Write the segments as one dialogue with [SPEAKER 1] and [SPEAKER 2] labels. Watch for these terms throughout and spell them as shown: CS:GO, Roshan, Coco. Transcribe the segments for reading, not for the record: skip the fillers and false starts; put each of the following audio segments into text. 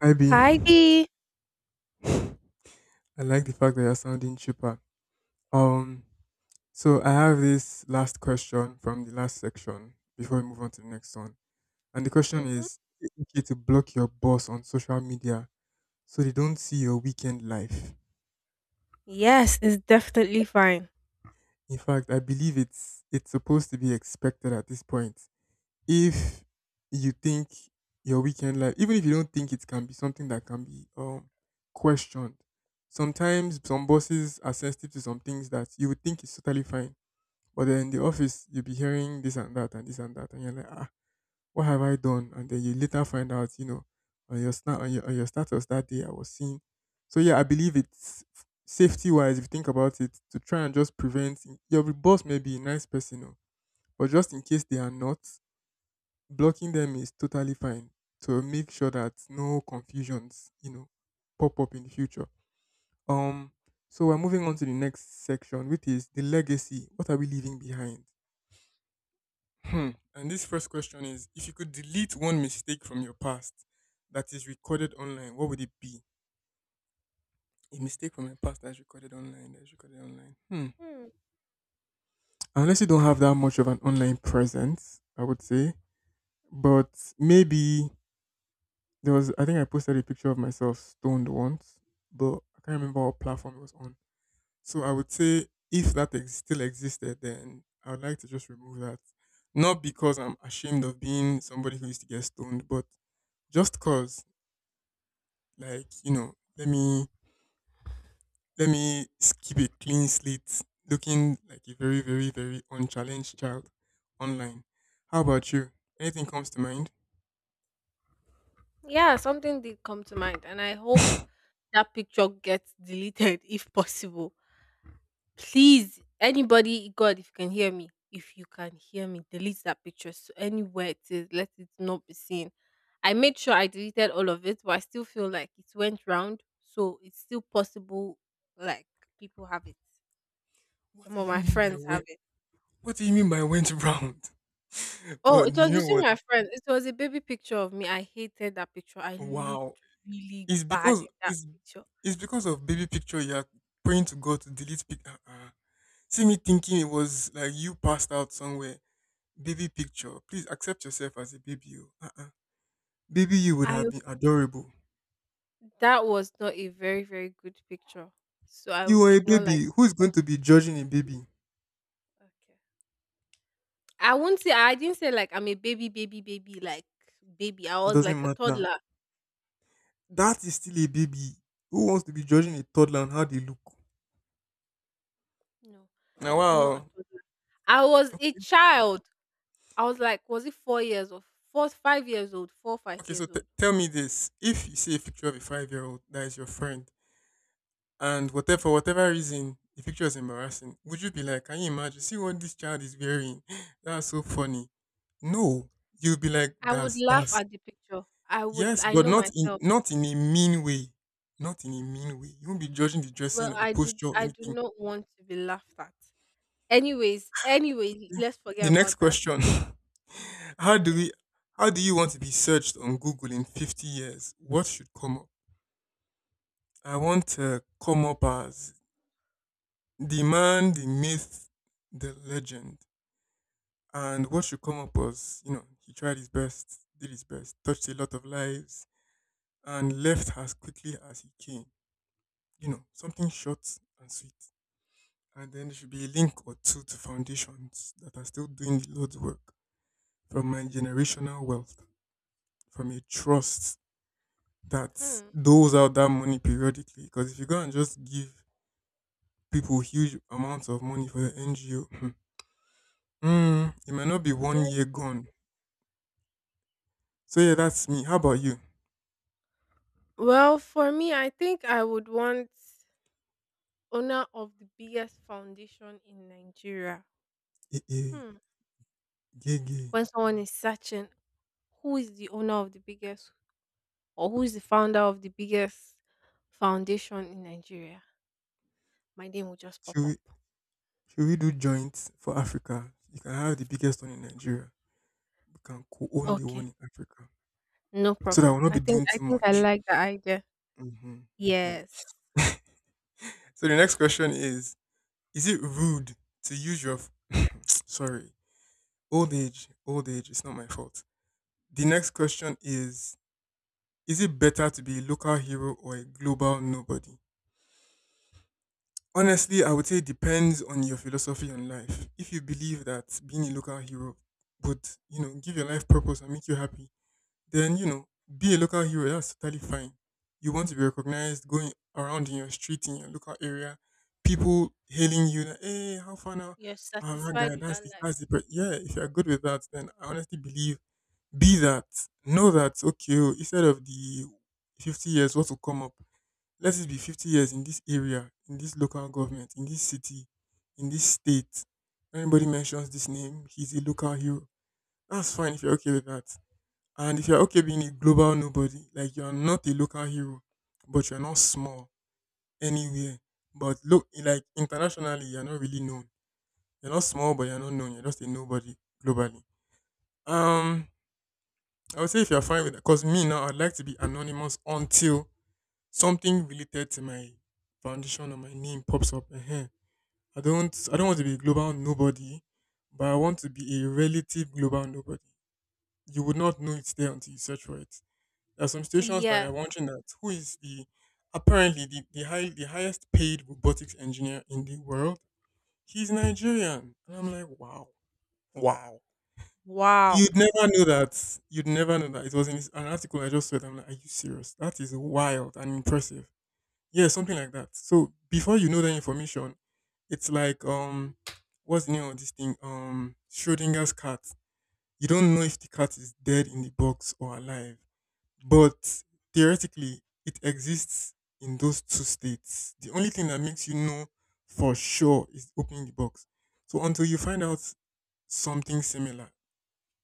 [SPEAKER 1] Hi B.
[SPEAKER 2] Heidi.
[SPEAKER 1] I like the fact that you're sounding cheaper. Um, so I have this last question from the last section before we move on to the next one. And the question
[SPEAKER 2] hmm
[SPEAKER 1] is it okay to block your boss on social media so they don't see your weekend life?
[SPEAKER 2] Yes, it's definitely fine.
[SPEAKER 1] In fact, I believe it's supposed to be expected at this point. If you think your weekend life, even if you don't think it can be something that can be questioned, sometimes some bosses are sensitive to some things that you would think is totally fine. But then in the office, you'll be hearing this and that and this and that, and you're like, ah, what have I done? And then you later find out, on your, on your, on your status that day, I was seen. So yeah, I believe it's safety wise, if you think about it, to try and just prevent your boss may be a nice person, oh, but just in case they are not, blocking them is totally fine to make sure that no confusions, pop up in the future. Um, so we're moving on to the next section, which is the legacy. What are we leaving behind? Hmm. And this first question is: If you could delete one mistake from your past that is recorded online, what would it be? A mistake from your past that's recorded online. That's recorded online. Hmm.
[SPEAKER 2] Hmm.
[SPEAKER 1] Unless you don't have that much of an online presence, I would say. But maybe there was, I think I posted a picture of myself stoned once, but I can't remember what platform it was on. So I would say if that still existed, then I would like to just remove that. Not because I'm ashamed of being somebody who used to get stoned, but just cause like, let me keep a clean slate, looking like a very, very, very unchallenged child online. How about you? Anything comes to mind?
[SPEAKER 2] Yeah, something did come to mind, and I hope that picture gets deleted if possible. Please, anybody, God, if you can hear me, if you can hear me, delete that picture. So anywhere it is, let it not be seen. I made sure I deleted all of it, but I still feel like it went round, so it's still possible. Like, people have it.
[SPEAKER 1] What
[SPEAKER 2] Some
[SPEAKER 1] do
[SPEAKER 2] of
[SPEAKER 1] you
[SPEAKER 2] my
[SPEAKER 1] mean by
[SPEAKER 2] friends have
[SPEAKER 1] went?
[SPEAKER 2] it.
[SPEAKER 1] What do you mean by went round?
[SPEAKER 2] Oh,
[SPEAKER 1] But
[SPEAKER 2] it
[SPEAKER 1] you
[SPEAKER 2] was
[SPEAKER 1] know
[SPEAKER 2] between
[SPEAKER 1] what?
[SPEAKER 2] my friends. It was a baby picture of me. I hated that picture. I
[SPEAKER 1] Wow.
[SPEAKER 2] looked really
[SPEAKER 1] It's
[SPEAKER 2] bad
[SPEAKER 1] because
[SPEAKER 2] in that
[SPEAKER 1] it's
[SPEAKER 2] picture.
[SPEAKER 1] it's because of baby picture you're praying to God to delete pic, uh-uh. See me thinking it was like you passed out somewhere. Baby picture. Please accept yourself as a baby. Oh. Uh-uh. Baby, you would
[SPEAKER 2] I
[SPEAKER 1] have been adorable.
[SPEAKER 2] That was not a very very good picture. So I
[SPEAKER 1] You are a
[SPEAKER 2] did not like.
[SPEAKER 1] baby. Who is going to be judging a baby?
[SPEAKER 2] Okay. I won't say I didn't say like I'm a baby baby baby like baby. I
[SPEAKER 1] It
[SPEAKER 2] was
[SPEAKER 1] doesn't
[SPEAKER 2] like a
[SPEAKER 1] matter.
[SPEAKER 2] toddler.
[SPEAKER 1] That is still a baby. Who wants to be judging a toddler on how they look?
[SPEAKER 2] No,
[SPEAKER 1] Now
[SPEAKER 2] not a
[SPEAKER 1] wow.
[SPEAKER 2] toddler. I was a child. I was like, was it 4 years or 4 5 years old? Four five
[SPEAKER 1] Okay, so
[SPEAKER 2] years old.
[SPEAKER 1] tell me this. If you see a picture of a 5 year old that is your friend, and whatever, for whatever reason the picture is embarrassing, would you be like, can you imagine? See what this child is wearing? That's so funny. No. You'll be like,
[SPEAKER 2] I would
[SPEAKER 1] That's
[SPEAKER 2] laugh
[SPEAKER 1] that's
[SPEAKER 2] at the picture. I would.
[SPEAKER 1] yes,
[SPEAKER 2] I
[SPEAKER 1] but
[SPEAKER 2] know myself.
[SPEAKER 1] not in a mean way. Not in a mean way. You won't be judging the dressing
[SPEAKER 2] Well,
[SPEAKER 1] or the
[SPEAKER 2] I do
[SPEAKER 1] posture or
[SPEAKER 2] I do
[SPEAKER 1] anything.
[SPEAKER 2] not want to be laughed at. Anyways,
[SPEAKER 1] Yeah.
[SPEAKER 2] let's forget
[SPEAKER 1] The next
[SPEAKER 2] about that.
[SPEAKER 1] question. how do
[SPEAKER 2] Yes.
[SPEAKER 1] we how do you want to be searched on Google in 50 years? What should come up? I want to come up as the man, the myth, the legend. And what should come up was, you know, he tried his best, did his best, touched a lot of lives, and left as quickly as he came. You know, something short and sweet. And then there should be a link or two to foundations that are still doing the Lord's work from my generational wealth, from a trust that
[SPEAKER 2] Hmm.
[SPEAKER 1] doles out that money periodically. Because if you go and just give people huge amounts of money for the NGO, it might not be
[SPEAKER 2] Oh,
[SPEAKER 1] one
[SPEAKER 2] yeah, it's
[SPEAKER 1] year gone.
[SPEAKER 2] okay.
[SPEAKER 1] So yeah, that's me. How about you?
[SPEAKER 2] Well, for me, I think I would want owner of the biggest foundation in Nigeria.
[SPEAKER 1] Eh, eh,
[SPEAKER 2] Hmm.
[SPEAKER 1] gay, gay.
[SPEAKER 2] When someone is searching who is the owner of the biggest or who is the founder of the biggest foundation in Nigeria, my name will just pop
[SPEAKER 1] Should we,
[SPEAKER 2] up.
[SPEAKER 1] should we do joints for Africa? You can have the biggest one in Nigeria. We can co-own the
[SPEAKER 2] Okay.
[SPEAKER 1] one in Africa.
[SPEAKER 2] No
[SPEAKER 1] So that
[SPEAKER 2] problem.
[SPEAKER 1] we'll not
[SPEAKER 2] I
[SPEAKER 1] be
[SPEAKER 2] think
[SPEAKER 1] doing
[SPEAKER 2] I
[SPEAKER 1] too
[SPEAKER 2] think I
[SPEAKER 1] much.
[SPEAKER 2] like the idea.
[SPEAKER 1] Hmm. Hmm.
[SPEAKER 2] Yes.
[SPEAKER 1] So the next question is it rude to use your, sorry, old age, it's not my fault. The next question is it better to be a local hero or a global nobody? Honestly, I would say it depends on your philosophy on life. If you believe that being a local hero would, you know, give your life purpose and make you happy, then you know, be a local hero. That's totally fine. You want to be recognized going around in your street in your local area, people hailing you. Like, hey, how far now?
[SPEAKER 2] You're
[SPEAKER 1] Oh my
[SPEAKER 2] satisfied
[SPEAKER 1] guy,
[SPEAKER 2] with that life.
[SPEAKER 1] that's the. But yeah, if you're good with that, then I honestly believe be that. Know that okay. Oh, instead of the 50 years, what will come up? Let it be 50 years in this area, in this local government, in this city, in this state. Anybody mentions this name, he's a local hero. That's fine if you're okay with that, and if you're okay being a global nobody, like you're not a local hero, but you're not small anywhere. But look, like internationally, you're not really known. You're not small, but you're not known. You're just a nobody globally. Um, I would say if you're fine with that, because me now, I'd like to be anonymous until something related to my foundation or my name pops up. I don't want to be a global nobody, but I want to be a relative global nobody. You would not know it's there until you search for it. There are some stations that are
[SPEAKER 2] Yes.
[SPEAKER 1] wondering that who is the apparently the highest paid robotics engineer in the world? He's Nigerian. And I'm like, wow. Wow.
[SPEAKER 2] Wow.
[SPEAKER 1] You'd never know that. You'd never know that. It was in this, an article I just read. I'm like, are you serious? That is wild and impressive. Yeah, something like that. So before you know the information, it's like what's the name of this thing? Schrodinger's cat. You don't know if the cat is dead in the box or alive. But theoretically, it exists in those two states. The only thing that makes you know for sure is opening the box. So until you find out something similar,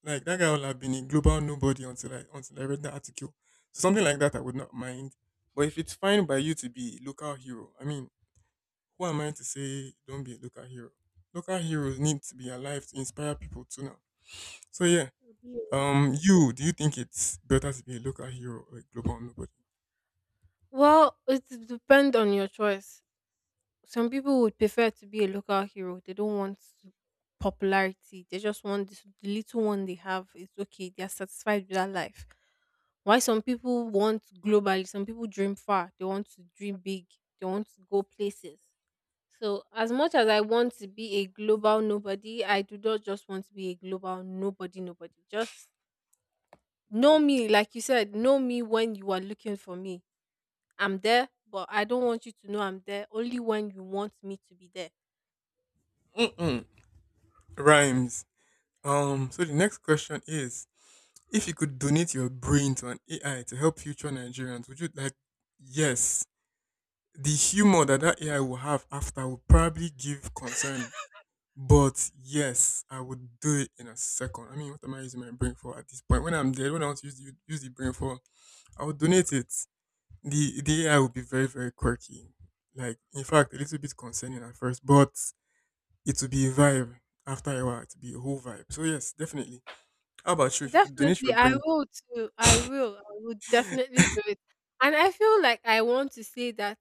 [SPEAKER 1] like that guy will have been a global nobody until I read the article. So something like that, I would not mind. But if it's fine by you to be a local hero, I mean, who am I to say don't be a local hero? Local heroes need to be alive to inspire people too now. So yeah,
[SPEAKER 2] Yeah.
[SPEAKER 1] you do you think it's better to be a local hero or a global nobody?
[SPEAKER 2] Well, it depends on your choice. Some people would prefer to be a local hero. They don't want popularity. They just want the little one they have. It's okay. They are satisfied with that life. Why some people want globally? Some people dream far. They want to dream big. They want to go places. So, as much as I want to be a global nobody, I do not just want to be a global nobody, nobody. Just know me, like you said, know me when you are looking for me. I'm there, but I don't want you to know I'm there only when you want me to be there.
[SPEAKER 1] Mm-mm. Rhymes. So the next question is if you could donate your brain to an AI to help future Nigerians, would you like yes. The humor that that AI will have after will probably give concern. But yes, I would do it in a second. I mean, what am I using my brain for at this point? When I'm dead, when I want to use the brain for, I would donate it. The AI will be very, very quirky. Like, in fact, a little bit concerning at first, but it will be a vibe. After a while, it will be a whole vibe. So, yes, definitely. How about you? If you could donate
[SPEAKER 2] Definitely,
[SPEAKER 1] your
[SPEAKER 2] I
[SPEAKER 1] brain,
[SPEAKER 2] will too. I will. I will definitely do it. And I feel like I want to say that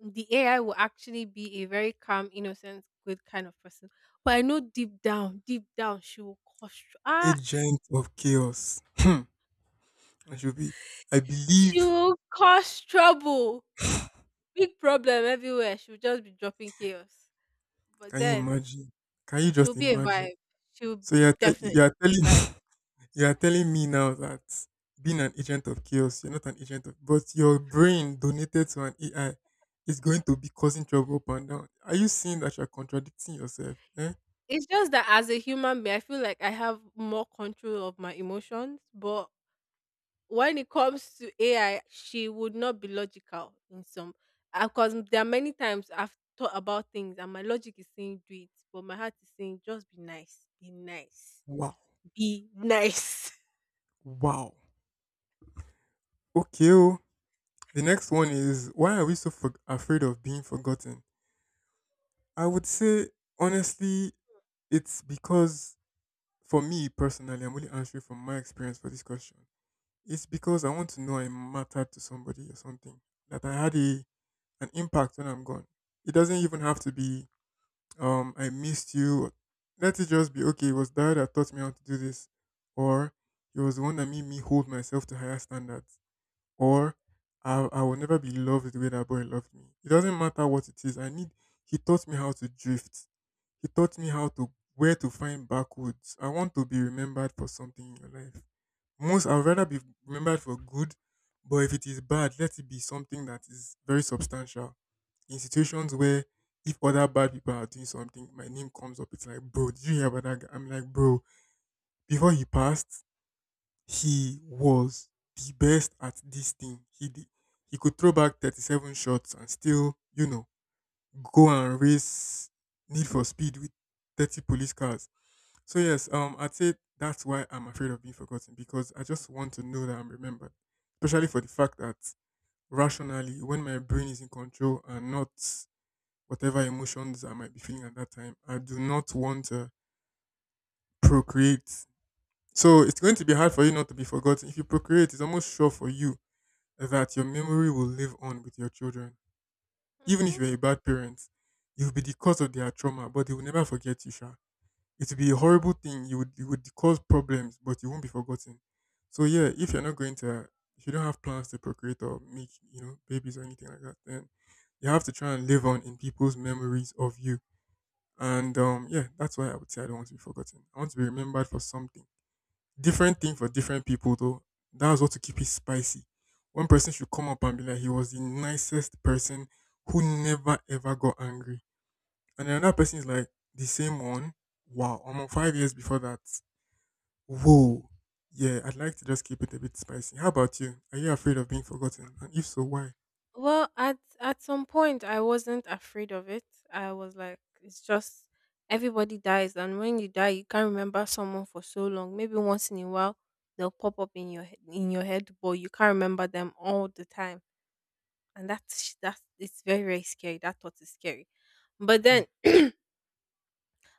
[SPEAKER 2] the AI will actually be a very calm, innocent, good kind of person. But I know deep down, she will cause
[SPEAKER 1] agent of chaos. I should be. I
[SPEAKER 2] she
[SPEAKER 1] believe.
[SPEAKER 2] will cause trouble, big problem everywhere. She will just be dropping chaos. But
[SPEAKER 1] Can you
[SPEAKER 2] then
[SPEAKER 1] imagine? Can you
[SPEAKER 2] she'll
[SPEAKER 1] just
[SPEAKER 2] be a
[SPEAKER 1] imagine?
[SPEAKER 2] vibe. She'll
[SPEAKER 1] So
[SPEAKER 2] be definitely
[SPEAKER 1] you're
[SPEAKER 2] be a
[SPEAKER 1] telling
[SPEAKER 2] vibe.
[SPEAKER 1] you're telling me now that being an agent of chaos, you're not an agent of, but your brain donated to an AI is going to be causing trouble up and down. Are you seeing that you're contradicting yourself? Eh?
[SPEAKER 2] It's just that as a human being, I feel like I have more control of my emotions. But when it comes to AI, she would not be logical in some. Because there are many times I've thought about things and my logic is saying do it, but my heart is saying just be nice, be nice,
[SPEAKER 1] Wow.
[SPEAKER 2] be nice.
[SPEAKER 1] Wow. Okay. Oh. The next one is why are we so afraid of being forgotten? I would say honestly it's because for me personally, I'm only answering from my experience for this question. It's because I want to know I mattered to somebody or something, that I had a an impact when I'm gone. It doesn't even have to be I missed you. Let it just be okay. It was dad that taught me how to do this, or it was the one that made me hold myself to higher standards, or I will never be loved the way that boy loved me. It doesn't matter what it is. I need. He taught me how to drift. He taught me how to where to find backwoods. I want to be remembered for something in your life. Most I'd rather be remembered for good, but if it is bad, let it be something that is very substantial. In situations where if other bad people are doing something, my name comes up. It's like, bro, did you hear about that guy? I'm like, bro, before he passed, he was the best at this thing. He did. He could throw back 37 shots and still, you know, go and race Need for Speed with 30 police cars. So yes, I'd say that's why I'm afraid of being forgotten, because I just want to know that I'm remembered, especially for the fact that rationally, when my brain is in control and not whatever emotions I might be feeling at that time, I do not want to procreate. So it's going to be hard for you not to be forgotten. If you procreate, it's almost sure for you that your memory will live on with your children. Even if
[SPEAKER 2] Mhm.
[SPEAKER 1] you're a bad parent, you'll be the cause of their trauma, but they will never forget you, Sha. It would be a horrible thing. You would cause problems, but you won't be forgotten. So yeah, if you're not going to, if you don't have plans to procreate or make babies or anything like that, then you have to try and live on in people's memories of you. And yeah, that's why I would say I don't want to be forgotten. I want to be remembered for something. Different thing for different people though. That's what to keep it spicy. One person should come up and be like, he was the nicest person who never ever got angry, and then another person is like, the same one. Wow, almost 5 years before that. Whoa. Yeah, I'd like to just keep it a bit spicy. How about you? Are you afraid of being forgotten? And if so, why?
[SPEAKER 2] Well, at some point, I wasn't afraid of it. I was like, it's just everybody dies, and when you die, you can't remember someone for so long. Maybe once in a while, they'll pop up in your head, but you can't remember them all the time, and that's sh- that's it's very very scary. That thought is scary. But
[SPEAKER 1] Hmm.
[SPEAKER 2] then,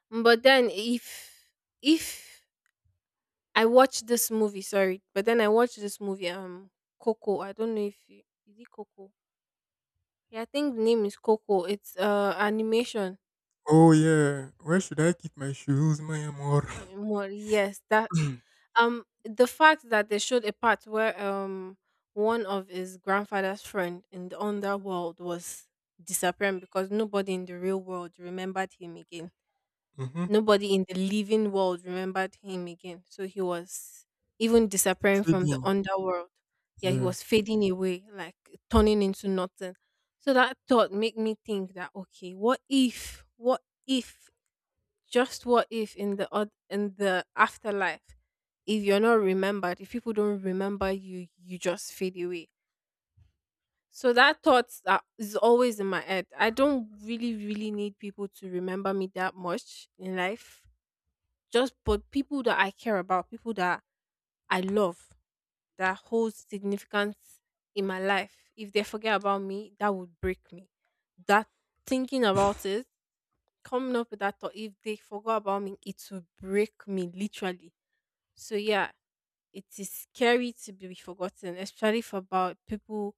[SPEAKER 2] but then, if I watched this movie, sorry, but then I watched this movie, Coco. I don't know if you, is it Coco. Yeah, I think the name is Coco. It's animation.
[SPEAKER 1] Oh, yeah. Where should I keep my shoes, my amor?
[SPEAKER 2] Well, yes, that the fact that they showed a part where one of his grandfather's friend in the underworld was disappearing because nobody in the real world remembered him again.
[SPEAKER 1] Mm-hmm.
[SPEAKER 2] Nobody in the living world remembered him again. So he was even disappearing from the
[SPEAKER 1] Fading.
[SPEAKER 2] underworld. Yeah, he
[SPEAKER 1] Yeah.
[SPEAKER 2] was fading away, like turning into nothing. So that thought made me think that, okay, what if, what if, just what if in the afterlife, if you're not remembered, if people don't remember you just fade away. So that thought that is always in my head, I don't really really need people to remember me that much in life, just but people that I care about, people that I love, that hold significance in my life, if they forget about me, that would break me. That, thinking about it, coming up with that thought, if they forgot about me, it will break me literally. So yeah, it is scary to be forgotten, especially for about people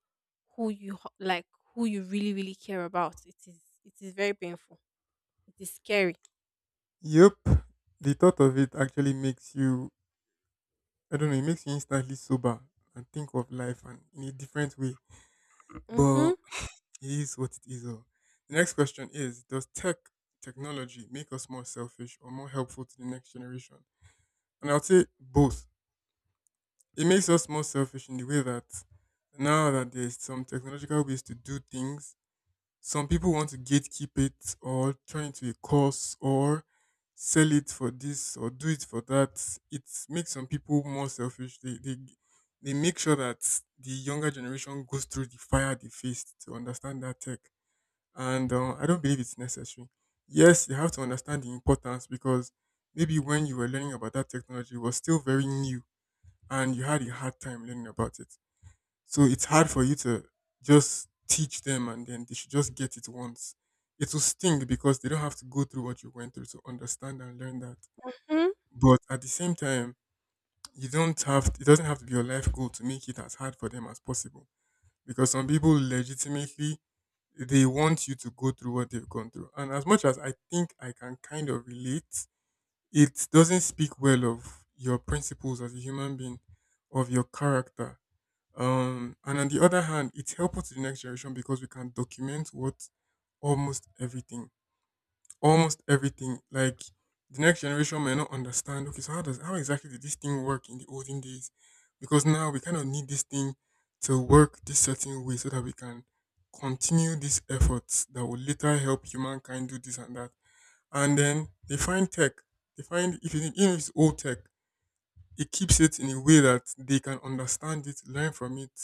[SPEAKER 2] who you ho- like, who you really really care about. It is very painful. It is scary.
[SPEAKER 1] Yep. The thought of it actually makes you, I don't know, it makes you instantly sober and think of life and in a different way. But
[SPEAKER 2] Mm-hmm.
[SPEAKER 1] it is what it is. Oh. The next question is, does technology make us more selfish or more helpful to the next generation? And I'll say both. It makes us more selfish in the way that now that there's some technological ways to do things, some people want to gatekeep it or turn it to a course or sell it for this or do it for that. It makes some people more selfish. They make sure that the younger generation goes through the fire they faced to understand that tech, and I don't believe it's necessary. Yes, you have to understand the importance, because maybe when you were learning about that technology, it was still very new and you had a hard time learning about it. So it's hard for you to just teach them and then they should just get it once. It will sting because they don't have to go through what you went through to understand and learn that.
[SPEAKER 2] Hmm.
[SPEAKER 1] But at the same time, you don't have, it doesn't have to be your life goal to make it as hard for them as possible. Because some people legitimately, they want you to go through what they've gone through. And as much as I think I can kind of relate, it doesn't speak well of your principles as a human being, of your character. And on the other hand, it's helpful to the next generation because we can document what, almost everything. Almost everything Like, the next generation may not understand. Okay, so how does how exactly did this thing work in the olden days? Because now we kind of need this thing to work this certain way so that we can continue these efforts that will later help humankind do this and that. And then they find tech. They find if it, even if it's old tech, it keeps it in a way that they can understand it, learn from it,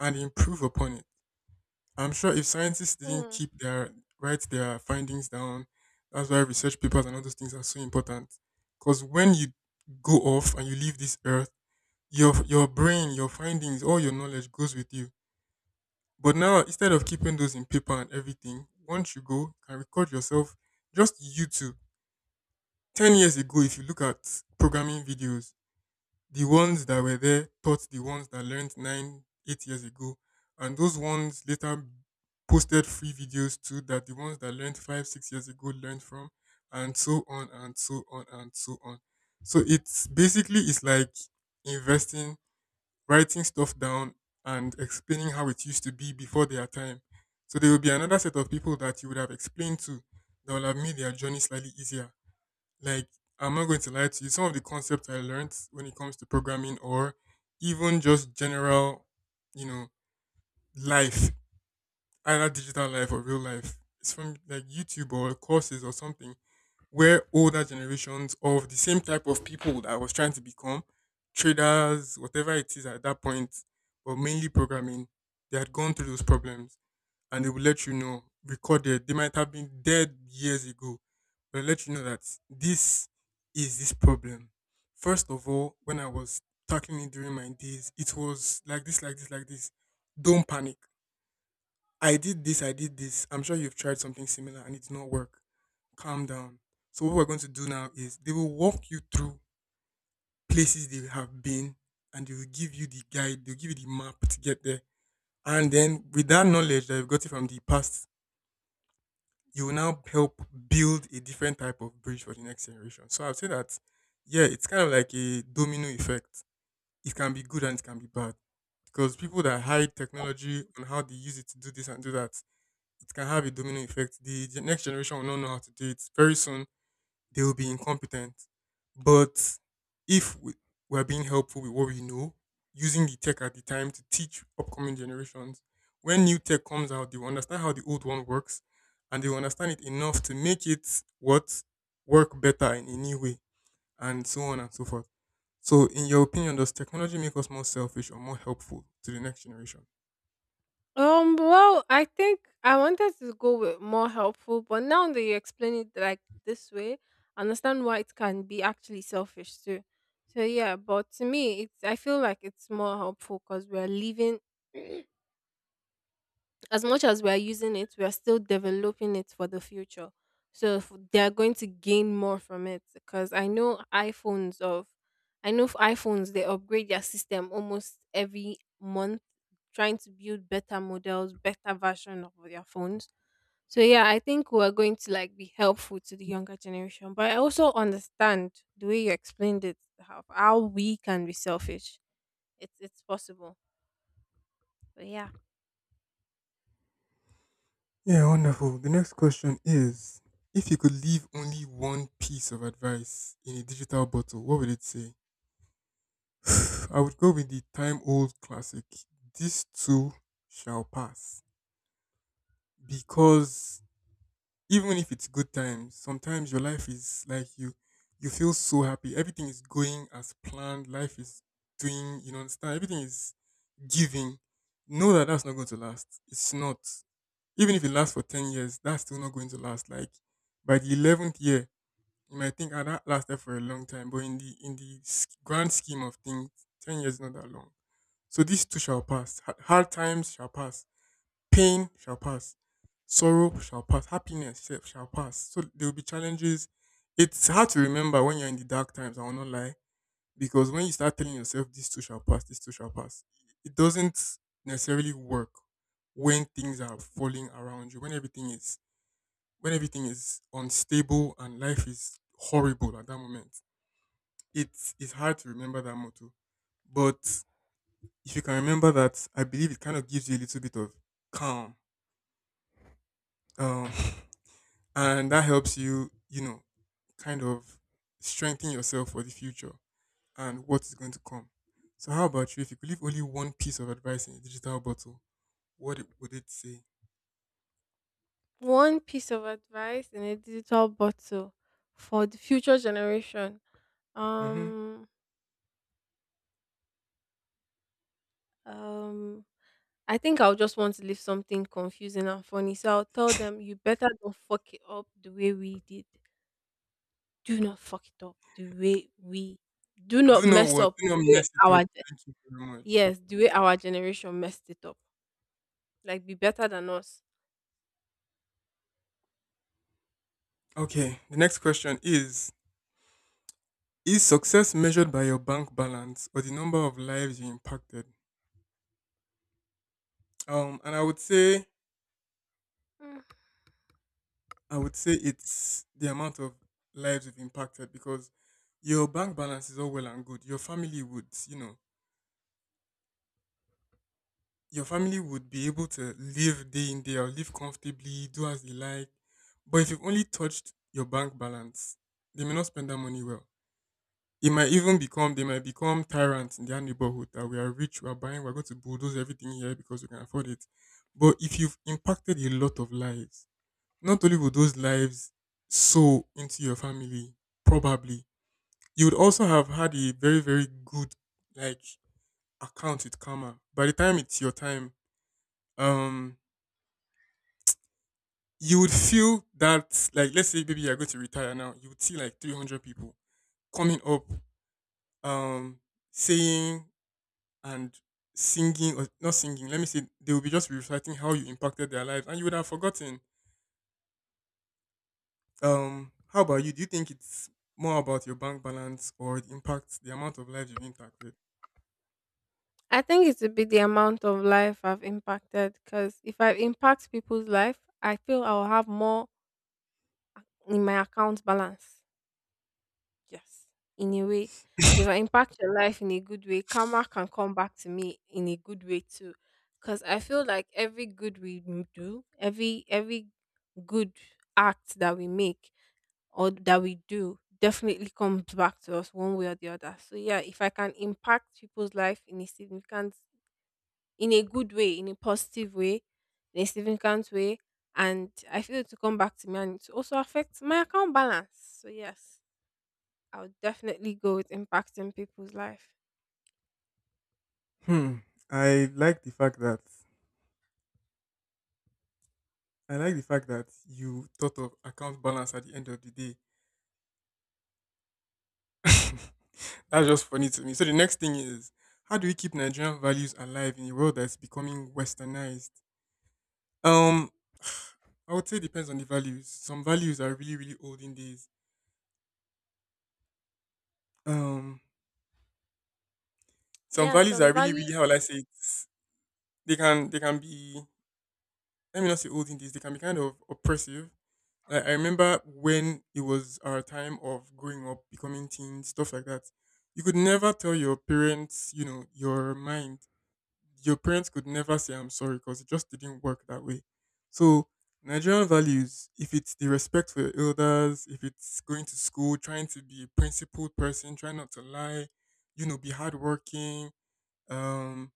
[SPEAKER 1] and improve upon it. I'm sure if scientists didn't
[SPEAKER 2] Mm.
[SPEAKER 1] keep their, write their findings down, that's why research papers and all those things are so important. Because when you go off and you leave this earth, your brain, your findings, all your knowledge goes with you. But now instead of keeping those in paper and everything, once you go, you can record yourself, just you two. 10 years ago, if you look at programming videos, the ones that were there taught the ones that learned nine, 8 years ago. And those ones later posted free videos too that the ones that learned five, 6 years ago learned from, and so on and so on and so on. So it's basically it's like investing, writing stuff down and explaining how it used to be before their time. So there will be another set of people that you would have explained to that will have made their journey slightly easier. Like, I'm not going to lie to you, some of the concepts I learned when it comes to programming or even just general, you know, life, either digital life or real life, it's from like YouTube or courses or something, where older generations of the same type of people that I was trying to become, traders, whatever it is at that point, but mainly programming, they had gone through those problems and they will let you know, recorded. They might have been dead years ago, but let you know that this is this problem. First of all, when I was tackling it during my days, it was like this, like this, like this. Don't panic. I did this. I'm sure you've tried something similar and it did not work. Calm down. So what we're going to do now is they will walk you through places they have been, and they will give you the guide, they'll give you the map to get there. And then with that knowledge that you've got it from the past, you will now help build a different type of bridge for the next generation. So I'd say that, yeah, it's kind of like a domino effect. It can be good and it can be bad, because people that hide technology and how they use it to do this and do that, it can have a domino effect. The next generation will not know how to do it. Very soon, they will be incompetent. But if we're being helpful with what we know, using the tech at the time to teach upcoming generations, when new tech comes out, they will understand how the old one works, and they will understand it enough to make it what work better in a new way, and so on and so forth. So, in your opinion, does technology make us more selfish or more helpful to the next generation?
[SPEAKER 2] Well, I think I wanted to go with more helpful, but now that you explain it like this way, I understand why it can be actually selfish too. So yeah, but to me, it's I feel like it's more helpful because we're living. As much as we're using it, we're still developing it for the future. So if they're going to gain more from it, because I know for iPhones, they upgrade their system almost every month, trying to build better models, better version of their phones. So yeah, I think we're going to like be helpful to the younger generation. But I also understand the way you explained it, how we can be selfish. It's possible. But yeah.
[SPEAKER 1] Yeah, wonderful. The next question is, if you could leave only one piece of advice in a digital bottle, what would it say? I would go with the time old classic, "This Too Shall Pass." Because even if it's good times, sometimes your life is like you feel so happy. Everything is going as planned. Life is doing, you know, understand? Everything is giving. Know that that's not going to last. It's not. Even if it lasts for 10 years, that's still not going to last. Like by the 11th year, you might think, ah, that lasted for a long time. But in the grand scheme of things, 10 years is not that long. So these two shall pass. Hard times shall pass. Pain shall pass. Sorrow shall pass. Happiness shall pass. So there will be challenges. It's hard to remember when you're in the dark times, I will not lie. Because when you start telling yourself these two shall pass, these two shall pass, it doesn't necessarily work when things are falling around you, when everything is unstable and life is horrible at that moment. It's hard to remember that motto. But if you can remember that, I believe it kind of gives you a little bit of calm. Um, and that helps you, you know, kind of strengthen yourself for the future and what is going to come. So, how about you? If you could leave only one piece of advice in a digital bottle, what would it say?
[SPEAKER 2] One piece of advice in a digital bottle for the future generation.
[SPEAKER 1] Hmm.
[SPEAKER 2] Um, um, I think I'll just want to leave something confusing and funny. So I'll tell them, you better don't fuck it up the way we did. Do not fuck it up the way we. Do not
[SPEAKER 1] Do not
[SPEAKER 2] mess
[SPEAKER 1] what?
[SPEAKER 2] up
[SPEAKER 1] Do
[SPEAKER 2] the
[SPEAKER 1] not
[SPEAKER 2] way
[SPEAKER 1] mess it
[SPEAKER 2] our
[SPEAKER 1] up. Thank you very much.
[SPEAKER 2] yes, the way our generation messed it up. Like, be better than us.
[SPEAKER 1] Okay, the next question is success measured by your bank balance or the number of lives you impacted? And I would say,
[SPEAKER 2] Mm.
[SPEAKER 1] I would say it's the amount of lives you've impacted, because your bank balance is all well and good. Your family would, you know, your family would be able to live day in, day out, live comfortably, do as they like. But if you've only touched your bank balance, they may not spend that money well. It might even become, they might become tyrants in their neighborhood that we are rich, we are buying, we're going to bulldoze everything here because we can afford it. But if you've impacted a lot of lives, not only would those lives sow into your family, probably, you would also have had a very, very good like account with karma. By the time it's your time, um, you would feel that like let's say maybe you're going to retire now, you would see like 300 people coming up, um, saying and singing or not singing, let me say they will be just reciting how you impacted their lives and you would have forgotten. How about you? Do you think it's more about your bank balance or it impacts the amount of lives you've impacted?
[SPEAKER 2] I think it would be the amount of life I've impacted, because if I impact people's life, I feel I'll have more in my account balance. Yes. In a way, if I impact your life in a good way, karma can come back to me in a good way too. Because I feel like every good we do, every good act that we make or that we do definitely comes back to us one way or the other. So yeah, if I can impact people's life in a significant, in a good way, in a positive way, in a significant way, and I feel it to come back to me, and it also affects my account balance. So yes. I would definitely go with impacting people's life.
[SPEAKER 1] Hmm. I like the fact that you thought of account balance at the end of the day. That's just funny to me. So the next thing is, how do we keep Nigerian values alive in a world that's becoming westernized? Um, I would say it depends on the values. Some values are really, really old in days. Um, some
[SPEAKER 2] Yeah,
[SPEAKER 1] values
[SPEAKER 2] some
[SPEAKER 1] are really,
[SPEAKER 2] values.
[SPEAKER 1] really, how will I say it? They can be, let me not say olden days, they can be kind of oppressive. Like I remember when it was our time of growing up, becoming teens, stuff like that. You could never tell your parents, you know, your mind. Your parents could never say I'm sorry because it just didn't work that way. So Nigerian values, if it's the respect for your elders, if it's going to school, trying to be a principled person, try not to lie, you know, be hardworking, um,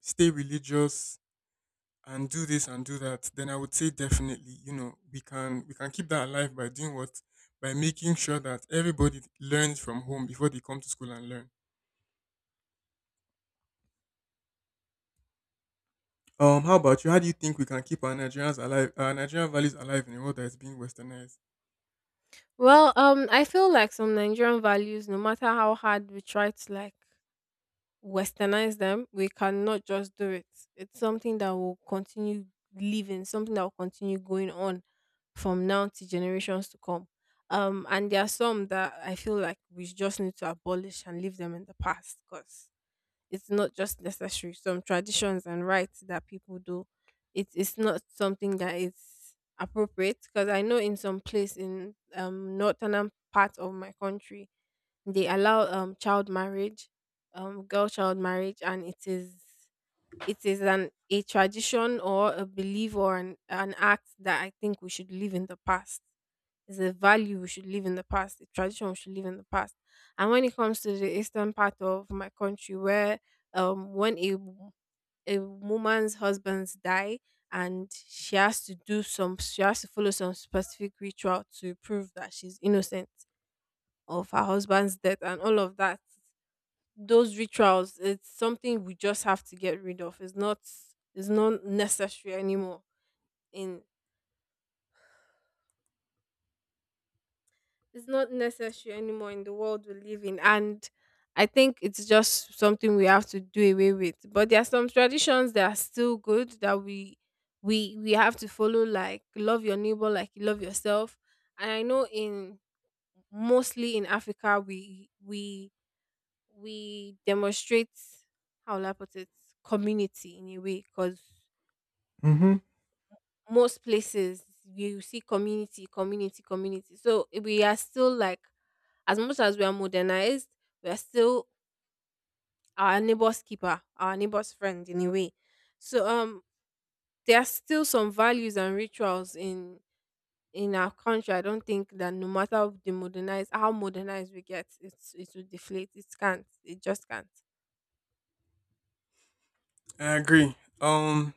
[SPEAKER 1] stay religious, and do this and do that, then I would say definitely, you know, we can keep that alive by doing what, by making sure that everybody learns from home before they come to school and learn. How about you? How do you think we can keep our Nigerians alive, our Nigerian values alive in a world that is being westernized?
[SPEAKER 2] Well, I feel like some Nigerian values, no matter how hard we try to like westernize them, we cannot just do it. It's something that will continue living, something that will continue going on from now to generations to come. And there are some that I feel like we just need to abolish and leave them in the past, because it's not just necessary. Some traditions and rites that people do, it is not something that is appropriate. Because I know in some place in northern part of my country, they allow child marriage, girl child marriage, and it is an a tradition or a belief or an act that I think we should leave in the past. It's a value we should live in the past, a tradition we should live in the past. And when it comes to the eastern part of my country, where when a woman's husbands die and she has to follow some specific ritual to prove that she's innocent of her husband's death and all of that. Those rituals, it's something we just have to get rid of. It's not necessary anymore in it's not necessary anymore in the world we live in, and I think it's just something we have to do away with. But there are some traditions that are still good that we have to follow, like love your neighbor like you love yourself. And I know in mostly in Africa, we demonstrate, how will I put it, community, in a way, because
[SPEAKER 1] Mm-hmm.
[SPEAKER 2] most places you see community community community, so we are still like, as much as we are modernized, we are still our neighbor's keeper, our neighbor's friend, in a way. So there are still some values and rituals in our country. I don't think that, no matter the modernized how modernized we get, it will deflate. It can't. It just can't.
[SPEAKER 1] I agree.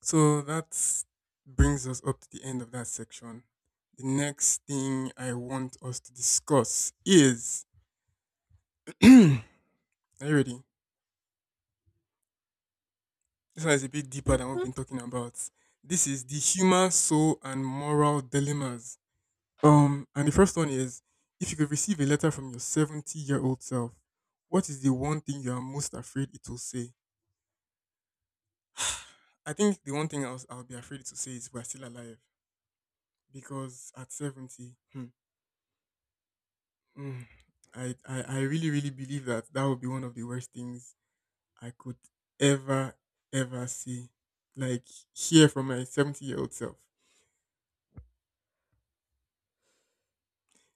[SPEAKER 1] So that brings us up to the end of that section. The next thing I want us to discuss is, are you ready? This one is a bit deeper than what we've
[SPEAKER 2] Mhm.
[SPEAKER 1] been talking about. This is the human soul and moral dilemmas. And the first one is, if you could receive a letter from your 70-year-old self, what is the one thing you are most afraid it will say? I think the one thing I'll be afraid to say is we're still alive, because at 70, hmm, mm, I really, really believe that that would be one of the worst things I could ever, ever see. Like, hear from my 70-year-old self.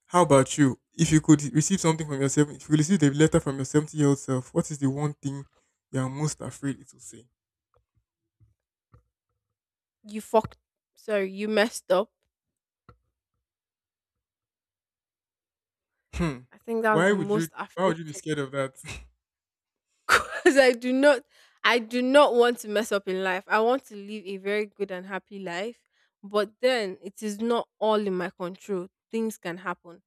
[SPEAKER 1] How about you? If you could receive something from yourself, if you could receive a letter from your 70-year-old self, what is the one thing you are most afraid it will say?
[SPEAKER 2] You fucked you messed up.
[SPEAKER 1] Hmm.
[SPEAKER 2] I think that was
[SPEAKER 1] Why
[SPEAKER 2] the
[SPEAKER 1] would you?
[SPEAKER 2] most
[SPEAKER 1] Why would you be
[SPEAKER 2] affecting.
[SPEAKER 1] scared of that?
[SPEAKER 2] Because I do not want to mess up in life. I want to live a very good and happy life, but then it is not all in my control. Things can happen,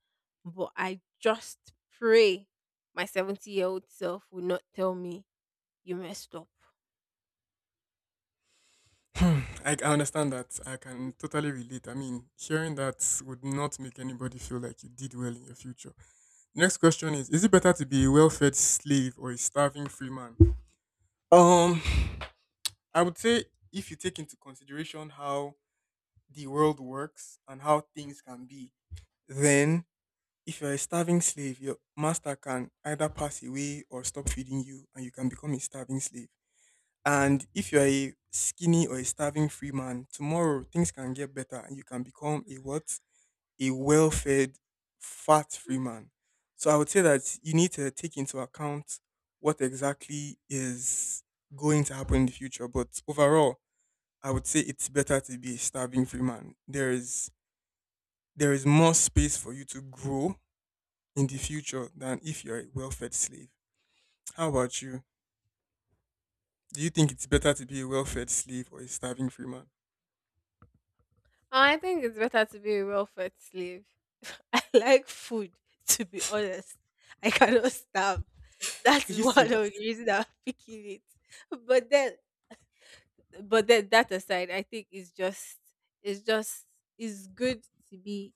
[SPEAKER 2] but I just pray my 70-year-old self will not tell me you messed up.
[SPEAKER 1] Hmm. I understand that. I can totally relate. I mean, hearing that would not make anybody feel like you did well in your future. Next question is: is it better to be a well-fed slave or a starving free man? Um, I would say, if you take into consideration how the world works and how things can be, then if you're a starving slave, your master can either pass away or stop feeding you, and you can become a starving slave. And if you're a skinny or a starving free man, tomorrow things can get better and you can become a what? A well fed, fat free man. So I would say that you need to take into account what exactly is going to happen in the future. But overall, I would say it's better to be a starving free man. There is more space for you to grow in the future than if you're a well fed slave. How about you? Do you think it's better to be a well fed slave or a starving free man?
[SPEAKER 2] I think it's better to be a welfare slave. I like food, to be honest. I cannot starve.
[SPEAKER 1] Are
[SPEAKER 2] That's
[SPEAKER 1] you
[SPEAKER 2] one of the
[SPEAKER 1] serious?
[SPEAKER 2] reasons I'm picking it. But then but then that aside, I think it's just it's good to be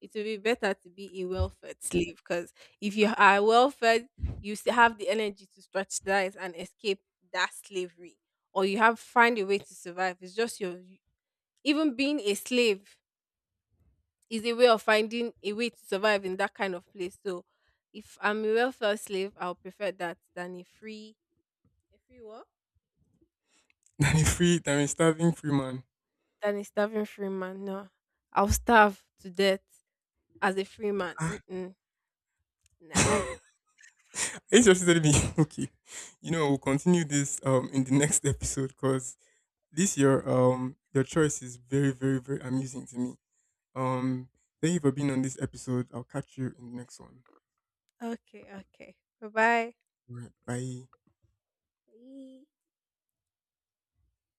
[SPEAKER 2] it will be better to be a well fed slave, because if you are well fed, you still have the energy to strategize and escape that slavery, or you have find a way to survive. It's just your even being a slave is a way of finding a way to survive in that kind of place. So if I'm a well fed slave, I'll prefer that than a free what?
[SPEAKER 1] Than a free, than a starving free man.
[SPEAKER 2] Than a starving free man. No. I'll starve to death as a free man.
[SPEAKER 1] Ah.
[SPEAKER 2] Mm-mm. Nah.
[SPEAKER 1] Are you just telling me? Okay. You know, we'll continue this in the next episode because this your choice is very, very, very amusing to me. Um Thank you for being on this episode. I'll catch you in the next one.
[SPEAKER 2] Okay, okay. Bye
[SPEAKER 1] All right. Bye.
[SPEAKER 2] bye.